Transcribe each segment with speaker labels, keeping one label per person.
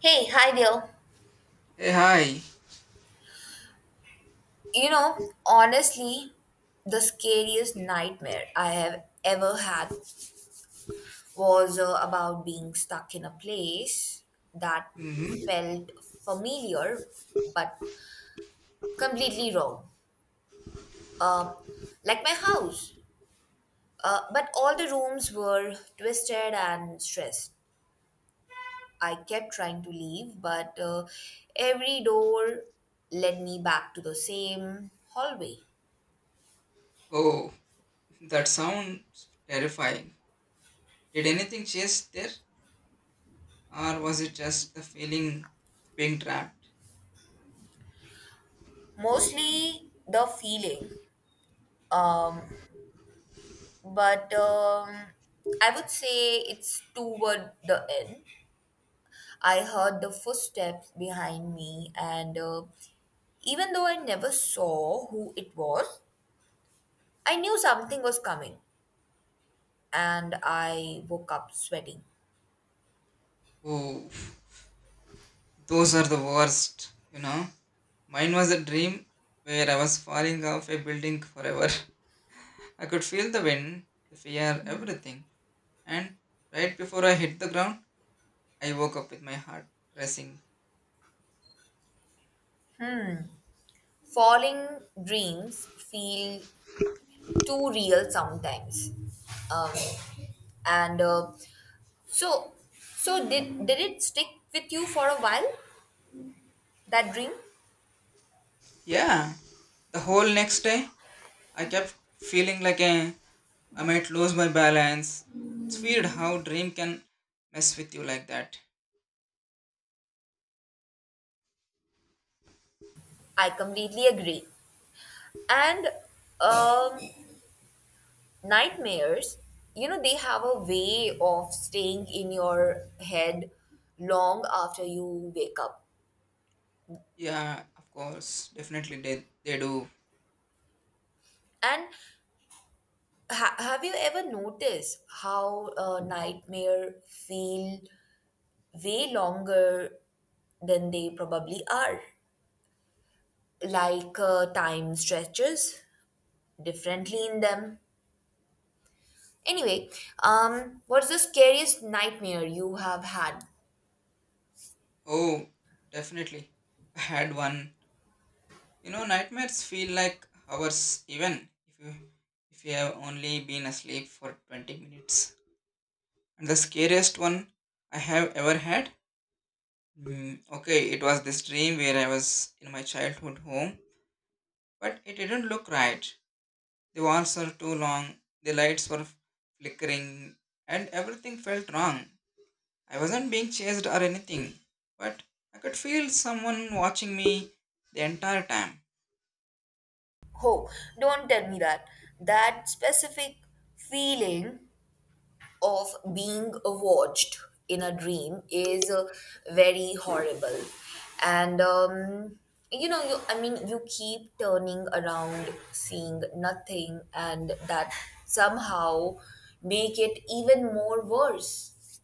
Speaker 1: Hey, hi there.
Speaker 2: Hey, hi.
Speaker 1: Honestly, the scariest nightmare I have ever had was about being stuck in a place that
Speaker 2: hmm
Speaker 1: felt familiar but completely wrong. Um, like my house. But all the rooms were twisted and stressed. I kept trying to leave, but every door led me back to the same hallway.
Speaker 2: Oh, that sounds terrifying. Did anything chase there? Or was it just the feeling of being trapped?
Speaker 1: Mostly the feeling. Um, but I would say it's toward the end. I heard the footsteps behind me, and even though I never saw who it was, I knew something was coming, and I woke up sweating.
Speaker 2: Oh, those are the worst, you know. Mine was a dream where I was falling off a building forever. I could feel the wind, the fear, everything. And right before I hit the ground, I woke up with my heart racing.
Speaker 1: Falling dreams feel too real sometimes. Um, and uh, so did it stick with you for a while? That dream?
Speaker 2: Yeah, the whole next day, I kept feeling like a I might lose my balance. It's weird how dream can mess with you like that.
Speaker 1: I completely agree. And um, nightmares, they have a way of staying in your head long after you wake up.
Speaker 2: Yeah, of course, definitely they do.
Speaker 1: And have you ever noticed how a nightmare feel way longer than they probably are? Like time stretches differently in them. Anyway, what's the scariest nightmare you have had?
Speaker 2: Oh, definitely. I had one. You know, nightmares feel like hours even if you have only been asleep for 20 minutes. And the scariest one I have ever had. Mm, okay, it was this dream where I was in my childhood home, but it didn't look right. The walls were too long, the lights were flickering, and everything felt wrong. I wasn't being chased or anything, but I could feel someone watching me the entire time.
Speaker 1: Oh, don't tell me that. That specific feeling of being watched in a dream is very horrible. And, I mean, you keep turning around, seeing nothing, and that somehow make it even more worse.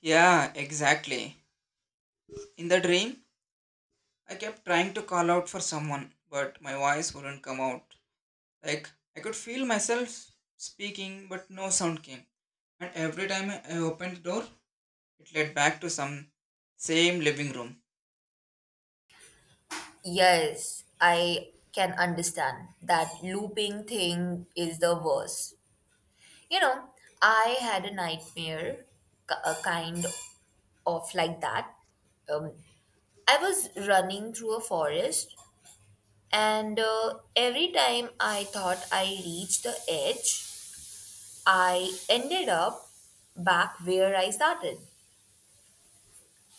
Speaker 2: Yeah, exactly. In the dream, I kept trying to call out for someone, but my voice wouldn't come out. Like, I could feel myself speaking, but no sound came. And every time I opened the door, it led back to some same living room.
Speaker 1: Yes, I can understand that looping thing is the worst. You know, I had a nightmare, a kind of like that. Um, I was running through a forest, and every time I thought I reached the edge, I ended up back where I started.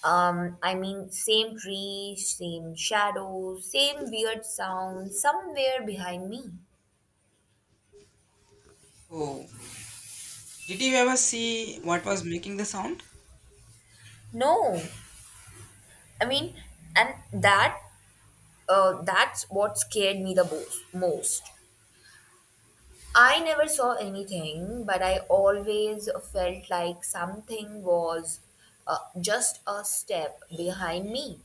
Speaker 1: I mean, same tree, same shadows, same weird sound somewhere behind me.
Speaker 2: Oh, did you ever see what was making the sound?
Speaker 1: No, I mean, and that's what scared me the most. I never saw anything, but I always felt like something was just a step behind me.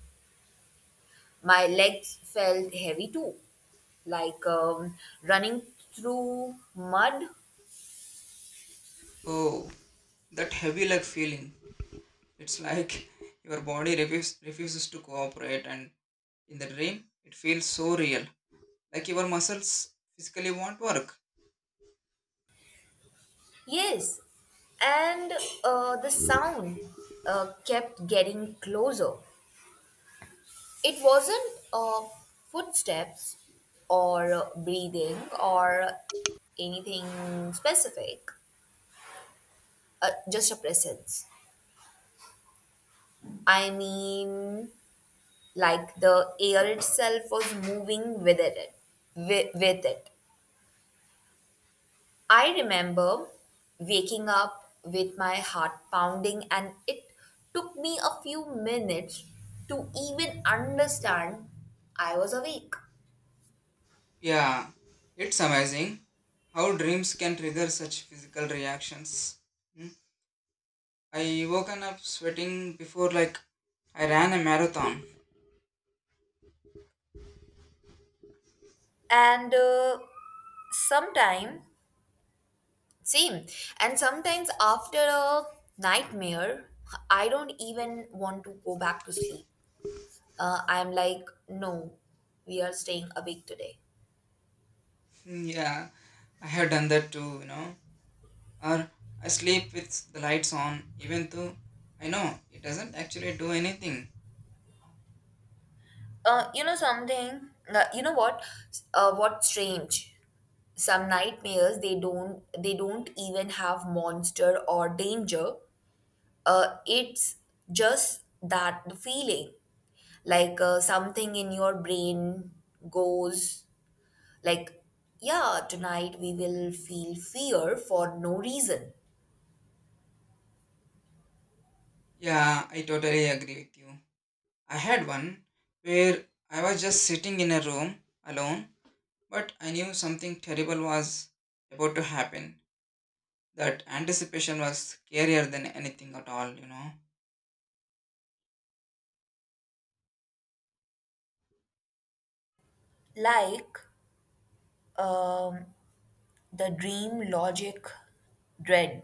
Speaker 1: My legs felt heavy too, like running through mud.
Speaker 2: Oh, that heavy leg feeling. It's like your refuses to cooperate, and in the dream, it feels so real. Like your muscles physically won't work.
Speaker 1: Yes, and the sound kept getting closer. It wasn't footsteps or breathing or anything specific, just a presence. I mean, like the air itself was moving with it. With it. I remember waking up with my heart pounding, and it took me a few minutes to even understand I was awake.
Speaker 2: Yeah, it's amazing how dreams can trigger such physical reactions. Hmm. I woken up sweating before, like I ran a marathon.
Speaker 1: And sometime, same. And sometimes after a nightmare, I don't even want to go back to sleep. I'm like, no, we are staying awake today.
Speaker 2: Yeah, I have done that too, you know. Or I sleep with the lights on, even though I know it doesn't actually do anything.
Speaker 1: You know something? You know what? What's strange? Some nightmares they don't even have monster or danger. It's just that the feeling, like something in your brain goes like, yeah, tonight we will feel fear for no reason,
Speaker 2: Yeah, I totally agree with you. I had one where I was just sitting in a room alone, but I knew something terrible was about to happen. That anticipation was scarier than anything at all, you know.
Speaker 1: like um, the dream logic dread.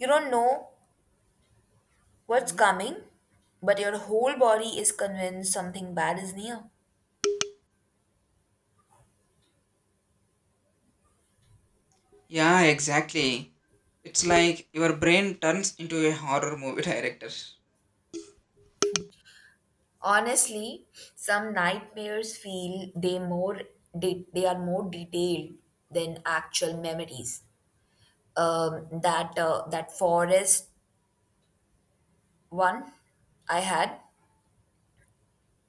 Speaker 1: You don't know what's
Speaker 2: Mhm.
Speaker 1: coming, but your whole body is convinced something bad is near.
Speaker 2: Yeah, exactly. It's like your brain turns into a horror movie director.
Speaker 1: Honestly, some nightmares feel they are more detailed than actual memories. That forest one I had,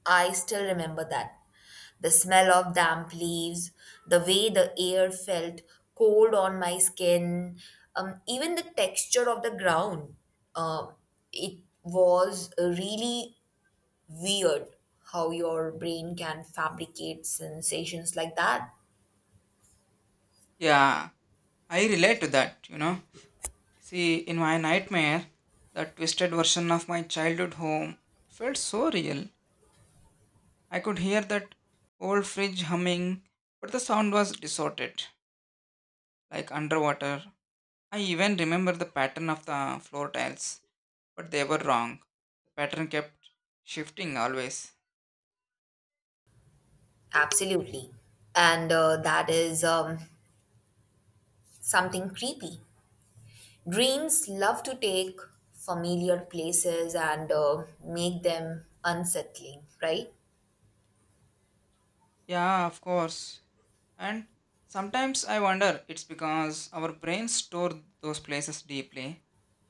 Speaker 1: I still remember that. The smell of damp leaves, the way the air felt cold on my skin, even the texture of the ground. Um, it was really weird how your brain can fabricate sensations like that.
Speaker 2: Yeah, I relate to that, you know. See, in my nightmare, that twisted version of my childhood home felt so real. I could hear that old fridge humming, but the sound was distorted, like underwater. I even remember the pattern of the floor tiles, but they were wrong. The pattern kept shifting always.
Speaker 1: Absolutely. And that is something creepy. Dreams love to take familiar places and make them unsettling, right?
Speaker 2: Yeah, of course. And sometimes I wonder it's because our brains store those places deeply,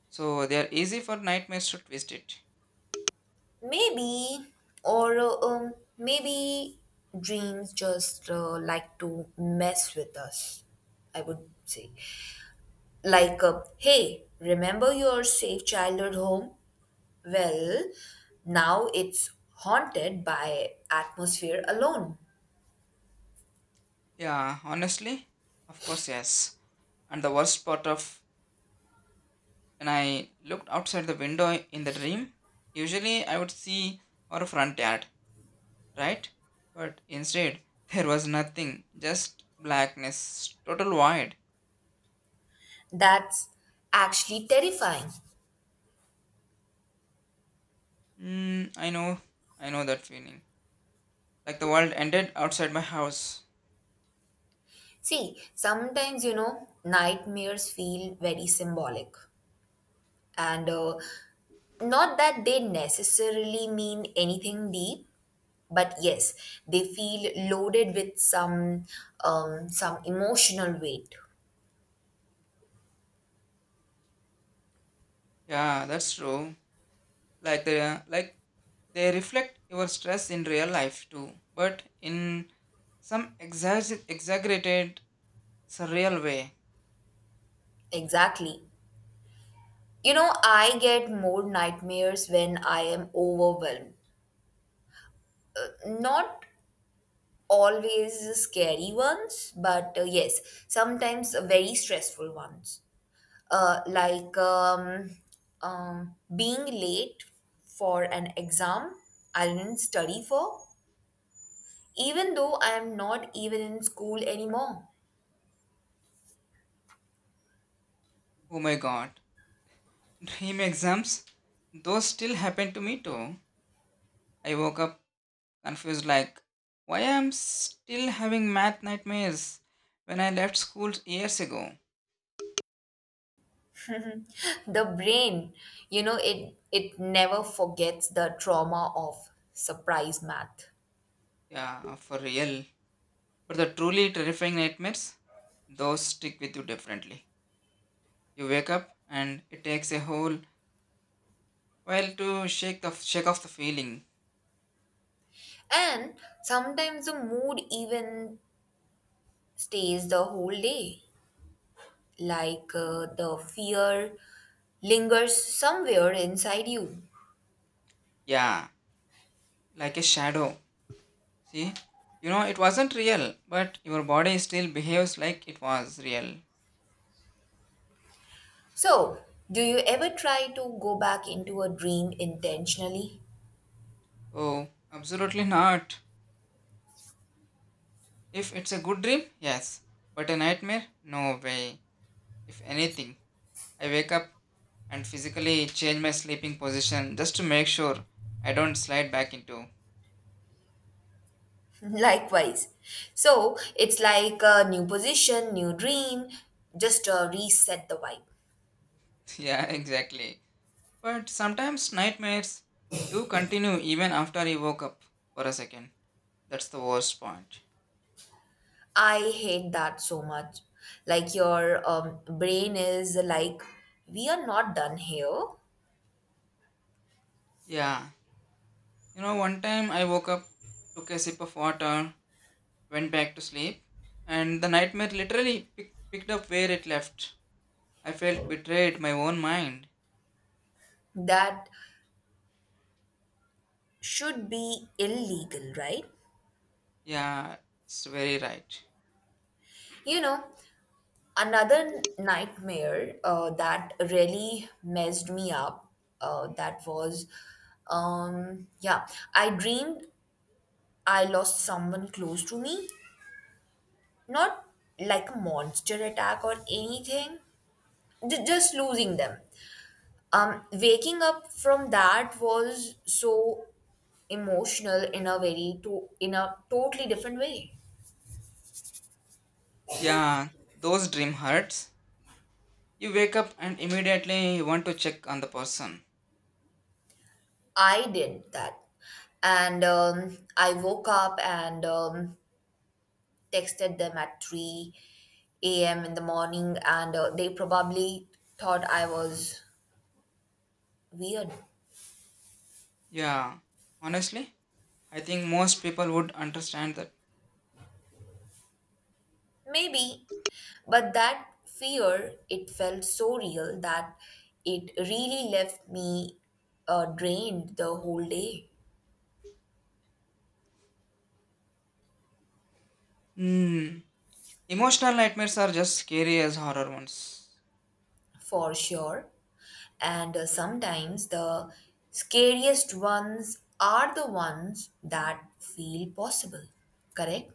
Speaker 2: so they are easy for nightmares to twist it.
Speaker 1: Maybe, or maybe dreams just like to mess with us, I would say. Like, hey, remember your safe childhood home? Well, now it's haunted by atmosphere alone.
Speaker 2: Yeah, honestly, of course, yes. And the worst part of when I looked outside the window in the dream, usually I would see our front yard, right? But instead, there was nothing, just blackness, total void.
Speaker 1: That's actually terrifying.
Speaker 2: Mm, I know that feeling. Like the world ended outside my house.
Speaker 1: See, sometimes, nightmares feel very symbolic. And not that they necessarily mean anything deep, but yes they feel loaded with some emotional weight.
Speaker 2: Yeah, that's true. Like they reflect your stress in real life too, but in some exaggerated, surreal way.
Speaker 1: Exactly. I get more nightmares when I am overwhelmed, not always scary ones, but yes, sometimes very stressful ones. Like being late for an exam I didn't study for, even though I am not even in school anymore.
Speaker 2: Oh my god. Dream exams? Those still happen to me too. I woke up confused like why I'm still having math nightmares when I left school years ago.
Speaker 1: The brain, it never forgets the trauma of surprise math.
Speaker 2: Yeah, for real. But the truly terrifying nightmares, those stick with you differently. You wake up and it takes a whole while to shake off the feeling.
Speaker 1: And sometimes the mood even stays the whole day, like the fear lingers somewhere inside you.
Speaker 2: Yeah, like a shadow. See? You know it wasn't real, but your body still behaves like it was real.
Speaker 1: So do you ever try to go back into a dream intentionally?
Speaker 2: Oh, absolutely not. If it's a good dream, yes. But a nightmare? No way. If anything, I wake up and physically change my sleeping position just to make sure I don't slide back into.
Speaker 1: Likewise. So it's like a new position, new dream, just reset the vibe.
Speaker 2: Yeah, exactly. But sometimes nightmares do continue even after I woke up for a second. That's the worst point.
Speaker 1: I hate that so much. Like your brain is like, we are not done here.
Speaker 2: Yeah. You know, one time I woke up, took a sip of water, went back to sleep, and the nightmare literally picked up where it left. I felt betrayed my own mind.
Speaker 1: That should be illegal, right?
Speaker 2: Yeah, it's very right.
Speaker 1: You know, Another nightmare that really messed me up. Uh, that was, um, yeah, I dreamed I lost someone close to me. Not like a monster attack or anything, just losing them. Waking up from that was so emotional in a totally different way.
Speaker 2: Yeah, those dream hurts. You wake up and immediately you want to check on the person.
Speaker 1: I did that, and I woke up and texted them at 3 a.m. in the morning, and they probably thought I was weird.
Speaker 2: Yeah, honestly, I think most people would understand that.
Speaker 1: Maybe, but that fear, it felt so real that it really left me drained the whole day.
Speaker 2: Hmm, emotional nightmares are just scary as horror ones.
Speaker 1: For sure. And sometimes the scariest ones are the ones that feel possible, correct?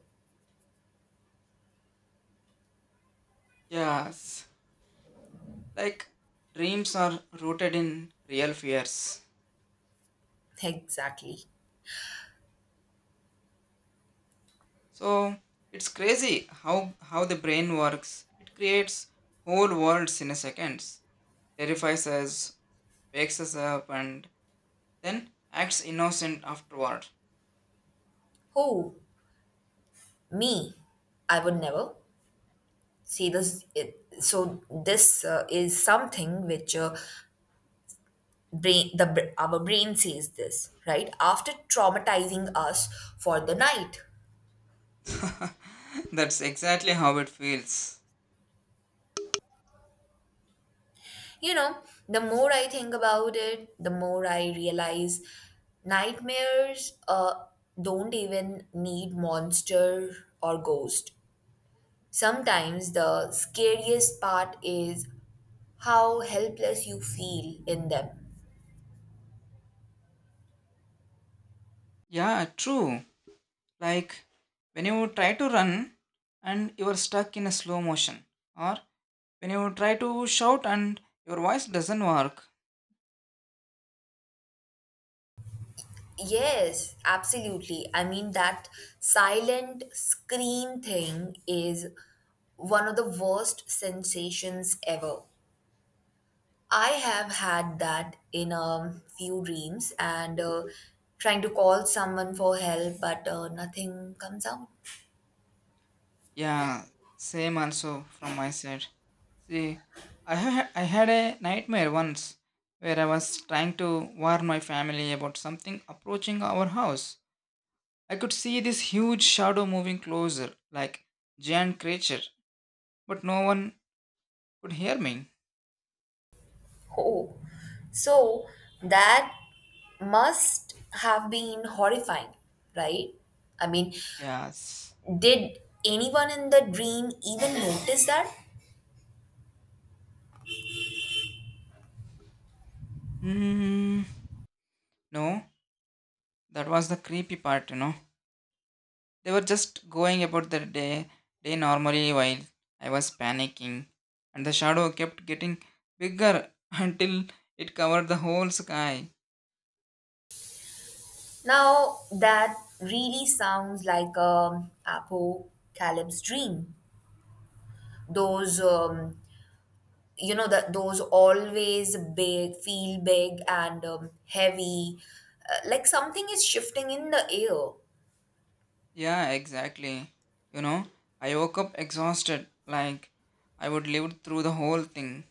Speaker 2: Yes, like dreams are rooted in real fears.
Speaker 1: Exactly.
Speaker 2: So it's crazy how the brain works. It creates whole worlds in a second. Terrifies us, wakes us up, and then acts innocent afterward.
Speaker 1: Who? Me. I would never. See this. So this is something which our brain says this right after traumatizing us for the night.
Speaker 2: That's exactly how it feels.
Speaker 1: You know, the more I think about it, the more I realize nightmares don't even need monster or ghost. Sometimes the scariest part is how helpless you feel in them.
Speaker 2: Yeah, true. Like when you try to run and you are stuck in a slow motion, or when you try to shout and your voice doesn't work.
Speaker 1: Yes, absolutely. I mean, that silent scream thing is one of the worst sensations ever. I have had that in a few dreams and trying to call someone for help, but nothing comes out.
Speaker 2: Yeah, same also from my side. See, I had a nightmare once where I was trying to warn my family about something approaching our house. I could see this huge shadow moving closer, like giant creature, but no one could hear me.
Speaker 1: Oh, so that must have been horrifying, right? I mean,
Speaker 2: Yes.
Speaker 1: did anyone in the dream even notice that?
Speaker 2: Hmm. No, that was the creepy part, you know. They were just going about their day normally while I was panicking, and the shadow kept getting bigger until it covered the whole sky.
Speaker 1: Now, that really sounds like a apocalypse dream. Those that those always big feel big, and heavy, like something is shifting in the air.
Speaker 2: Yeah, exactly. You know, I woke up exhausted, like I would live through the whole thing.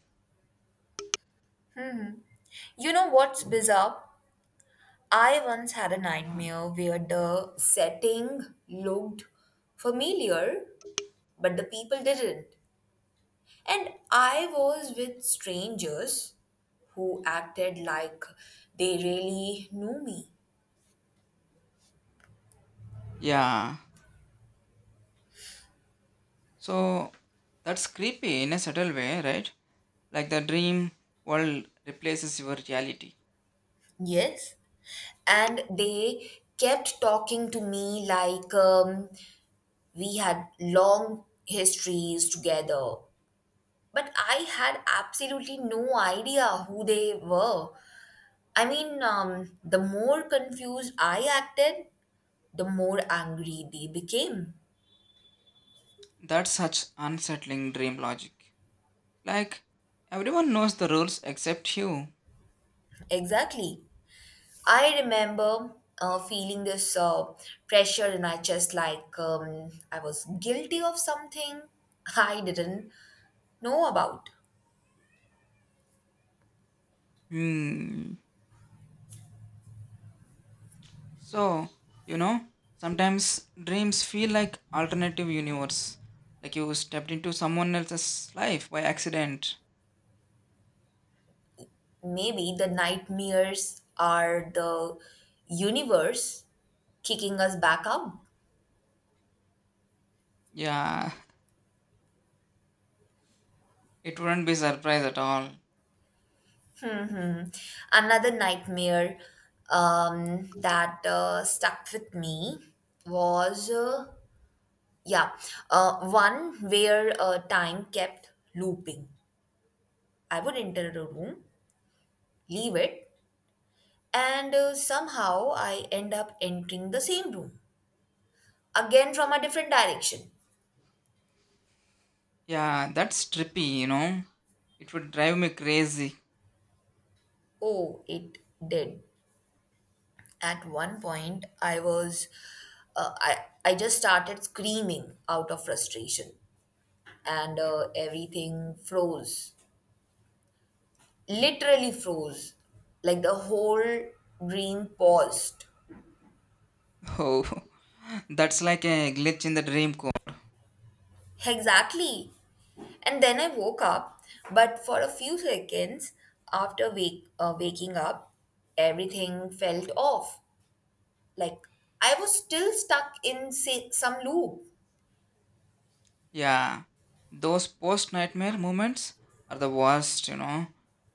Speaker 1: You know what's bizarre? I once had a
Speaker 2: Yeah.
Speaker 1: nightmare where the setting looked familiar, but the people didn't, and I was with strangers who acted like they really knew me.
Speaker 2: Yeah. So that's creepy in a subtle way, right? Like the dream world replaces your reality.
Speaker 1: Yes. And they kept talking to me like, we had long histories together, but I had absolutely no idea who they were. I mean, the more confused I acted, the more angry they became.
Speaker 2: That's such unsettling dream logic. Like everyone knows the rules except you.
Speaker 1: Exactly. I remember feeling this pressure in my chest, like I was guilty of something I didn't know about.
Speaker 2: Hmm. So, you know, sometimes dreams feel like alternative universe. Like you stepped into someone else's life by accident.
Speaker 1: Maybe the nightmares are the universe kicking us back out.
Speaker 2: Yeah, it wouldn't be surprise at all.
Speaker 1: Mhm. Another nightmare that stuck with me was, yeah, one where time kept looping. I would enter a room, leave it, and somehow I end up entering the same room again from a different direction.
Speaker 2: Yeah, that's trippy, you know. It would drive me crazy.
Speaker 1: Oh, it did. At one point, I just started screaming out of frustration, and everything froze, literally froze, like the whole dream paused.
Speaker 2: Oh. That's like a glitch in the dream code.
Speaker 1: Exactly. And then I woke up, but for a few seconds after waking up, everything felt off, like I was still stuck in say, some loop.
Speaker 2: Yeah, those post nightmare moments are the worst, you know.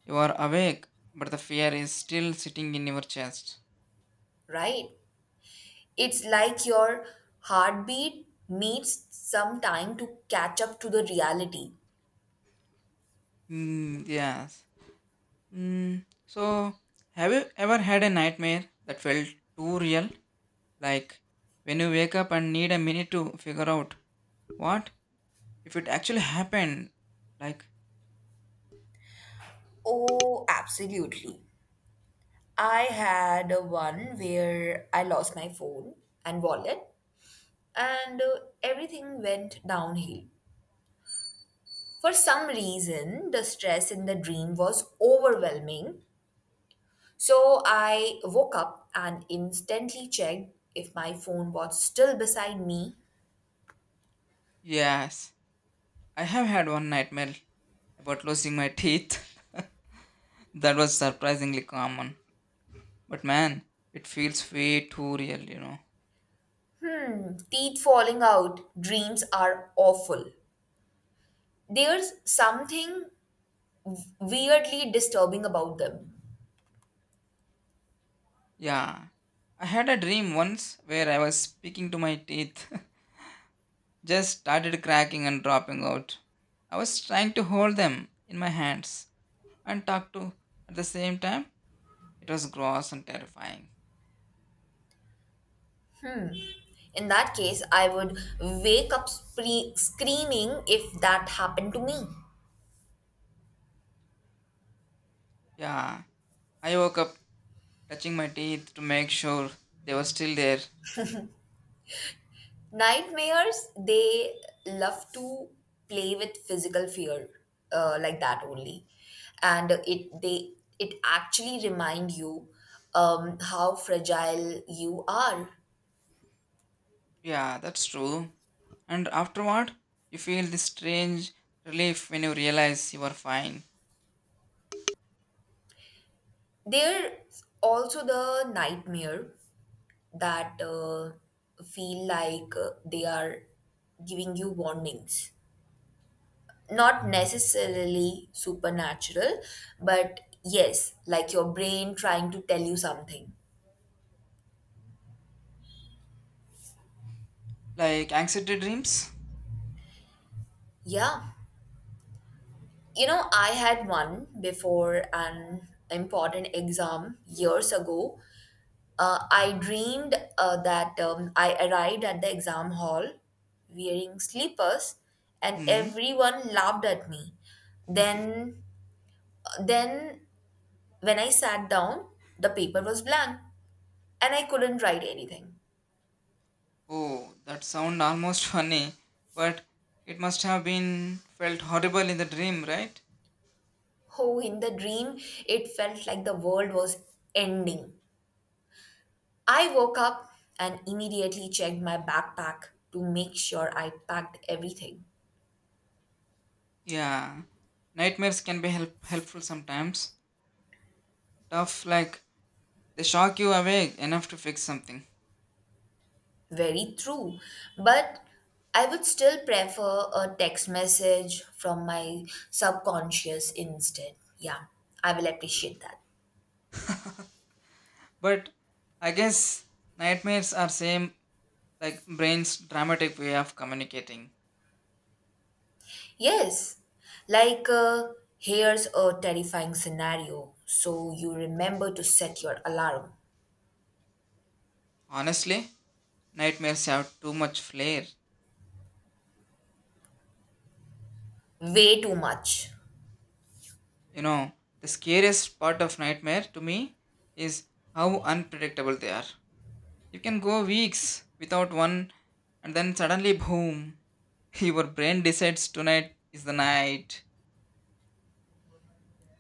Speaker 2: You are awake, but the fear is still sitting in your chest.
Speaker 1: Right. It's like your heartbeat needs some time to catch up to the reality.
Speaker 2: Mm, yes. Mm, so, have you ever had a nightmare that felt too real? Like when you wake up and need a minute to figure out what if it actually happened? Like,
Speaker 1: Oh, absolutely. I had a one where I lost my phone and wallet, and everything went downhill. For some reason, the stress in the dream was overwhelming. So I woke up and instantly checked if my phone was still beside me.
Speaker 2: yes, I have had one nightmare about losing my teeth. That was surprisingly common. But man, it feels way too real, you know.
Speaker 1: Teeth falling out, dreams are awful. There's something weirdly disturbing about them.
Speaker 2: Yeah. I had a dream once where I was speaking to my teeth, just started cracking and dropping out. I was trying to hold them in my hands and talk to at the same time. It was gross and terrifying.
Speaker 1: In that case, I would wake up screaming if that happened to me.
Speaker 2: Yeah. I woke up touching my teeth to make sure they were still there.
Speaker 1: Nightmares, they love to play with physical fear like that only. And it actually remind you how fragile you are.
Speaker 2: Yeah, that's true. And afterward, you feel this strange relief when you realize you are fine.
Speaker 1: There's also the nightmare that feel like they are giving you warnings, not necessarily supernatural, but yes, like your brain trying to tell you something.
Speaker 2: Like anxiety dreams?
Speaker 1: Yeah. I had one before an important exam years ago. I dreamed that I arrived at the exam hall wearing sleepers and
Speaker 2: Hmm.
Speaker 1: everyone laughed at me. Then, then when I sat down, the paper was blank and I couldn't write anything.
Speaker 2: Oh, that sound almost funny, but it must have been felt horrible in the dream, right?
Speaker 1: Oh, in the dream, it felt like the world was ending. I woke up and immediately checked my backpack to make sure I packed everything.
Speaker 2: Yeah. Nightmares can be helpful sometimes. Tough, like they shock you awake enough to fix something.
Speaker 1: Very true. But I would still prefer a text message from my subconscious instead. Yeah, I will appreciate that.
Speaker 2: But I guess nightmares are same like brain's dramatic way of communicating.
Speaker 1: Yes, like here's a terrifying scenario, so you remember to set your alarm.
Speaker 2: Honestly, nightmares have too much flair.
Speaker 1: Way too much.
Speaker 2: You know, the scariest part of nightmare to me is how unpredictable they are. You can go weeks without one, and then suddenly, boom, your brain decides tonight is the night.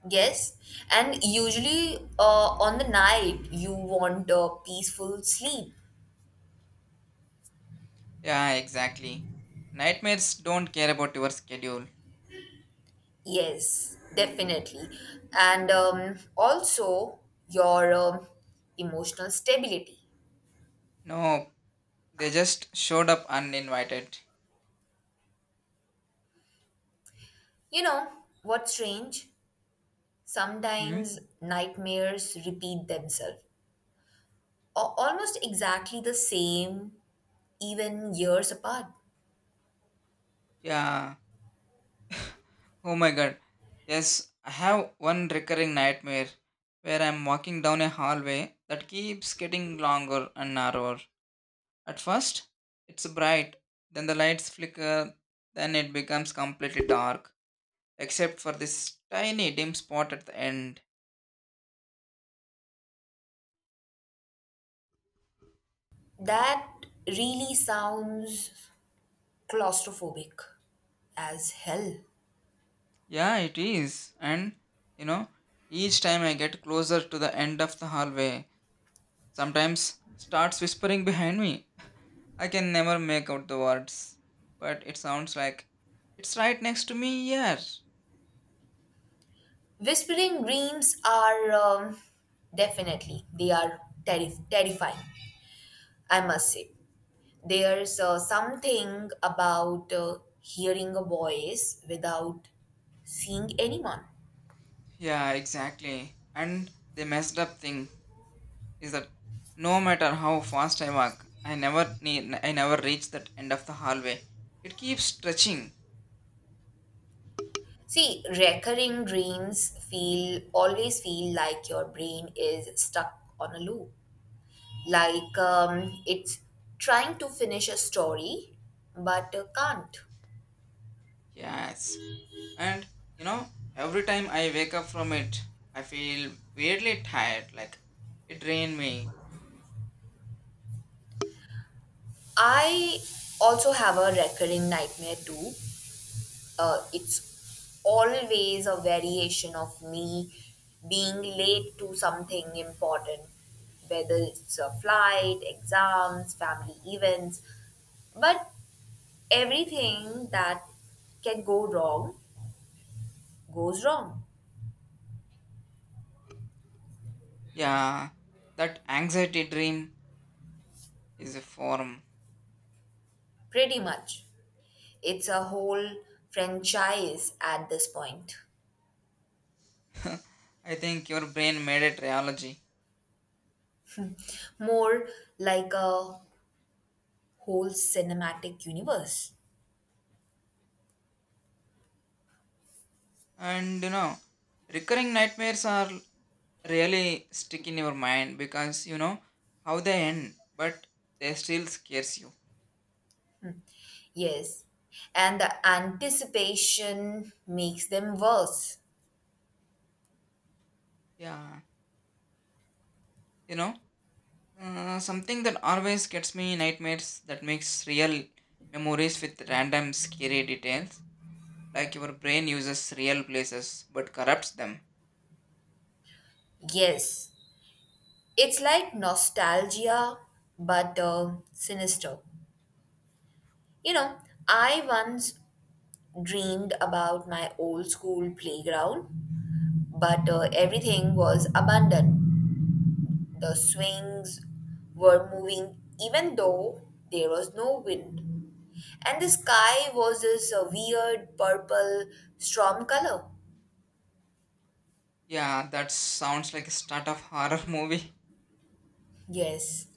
Speaker 1: Yes, and usually on the night you want a peaceful sleep.
Speaker 2: Yeah, exactly. Nightmares don't care about your schedule.
Speaker 1: Yes, definitely. And also your emotional stability.
Speaker 2: No, they just showed up uninvited.
Speaker 1: You know, what's strange?
Speaker 2: Hmm?
Speaker 1: Sometimes nightmares repeat themselves, almost exactly the same, even years apart.
Speaker 2: Yeah. Oh my god. Yes, I have one recurring nightmare where I'm walking down a hallway that keeps getting longer and narrower. At first, it's bright, then the lights flicker, then it becomes completely dark, except for this tiny dim spot at the end.
Speaker 1: That really sounds claustrophobic as hell.
Speaker 2: Yeah, it is. And, you know, each time I get closer to the end of the hallway, sometimes starts whispering behind me. I can never make out the words, but it sounds like it's right next to me here.
Speaker 1: Whispering dreams are definitely they are terrifying. I must say, there's something about hearing a voice without seeing anyone.
Speaker 2: Yeah, exactly. And the messed up thing is that no matter how fast I walk, I never reach that end of the hallway. It keeps stretching.
Speaker 1: See, recurring dreams feel always feel like your brain is stuck on a loop, like it's trying to finish a story but can't.
Speaker 2: Yes. And you know, every time I wake up from it, I feel weirdly tired, like it drained me.
Speaker 1: I also have a recurring nightmare too, it's always a variation of me being late to something important, whether it's a flight, exams, family events. But everything that can go wrong goes wrong,
Speaker 2: Yeah, that anxiety dream is a form.
Speaker 1: pretty much. It's a whole franchise at this point,
Speaker 2: I think your brain made it reality.
Speaker 1: more like a whole cinematic universe.
Speaker 2: And you know, recurring nightmares are really stick in your mind because you know how they end, but they still scares you.
Speaker 1: Yes. And the anticipation makes them worse.
Speaker 2: Yeah. You know, uh, something that always gets me nightmares that makes real memories with random scary details. Like your brain uses real places but corrupts them.
Speaker 1: Yes. It's like nostalgia, but sinister. You know, I once dreamed about my old school playground, but everything was abandoned. The swings were moving even though there was no wind. And the sky was this weird purple storm color.
Speaker 2: Yeah, that sounds like a start of horror movie.
Speaker 1: Yes.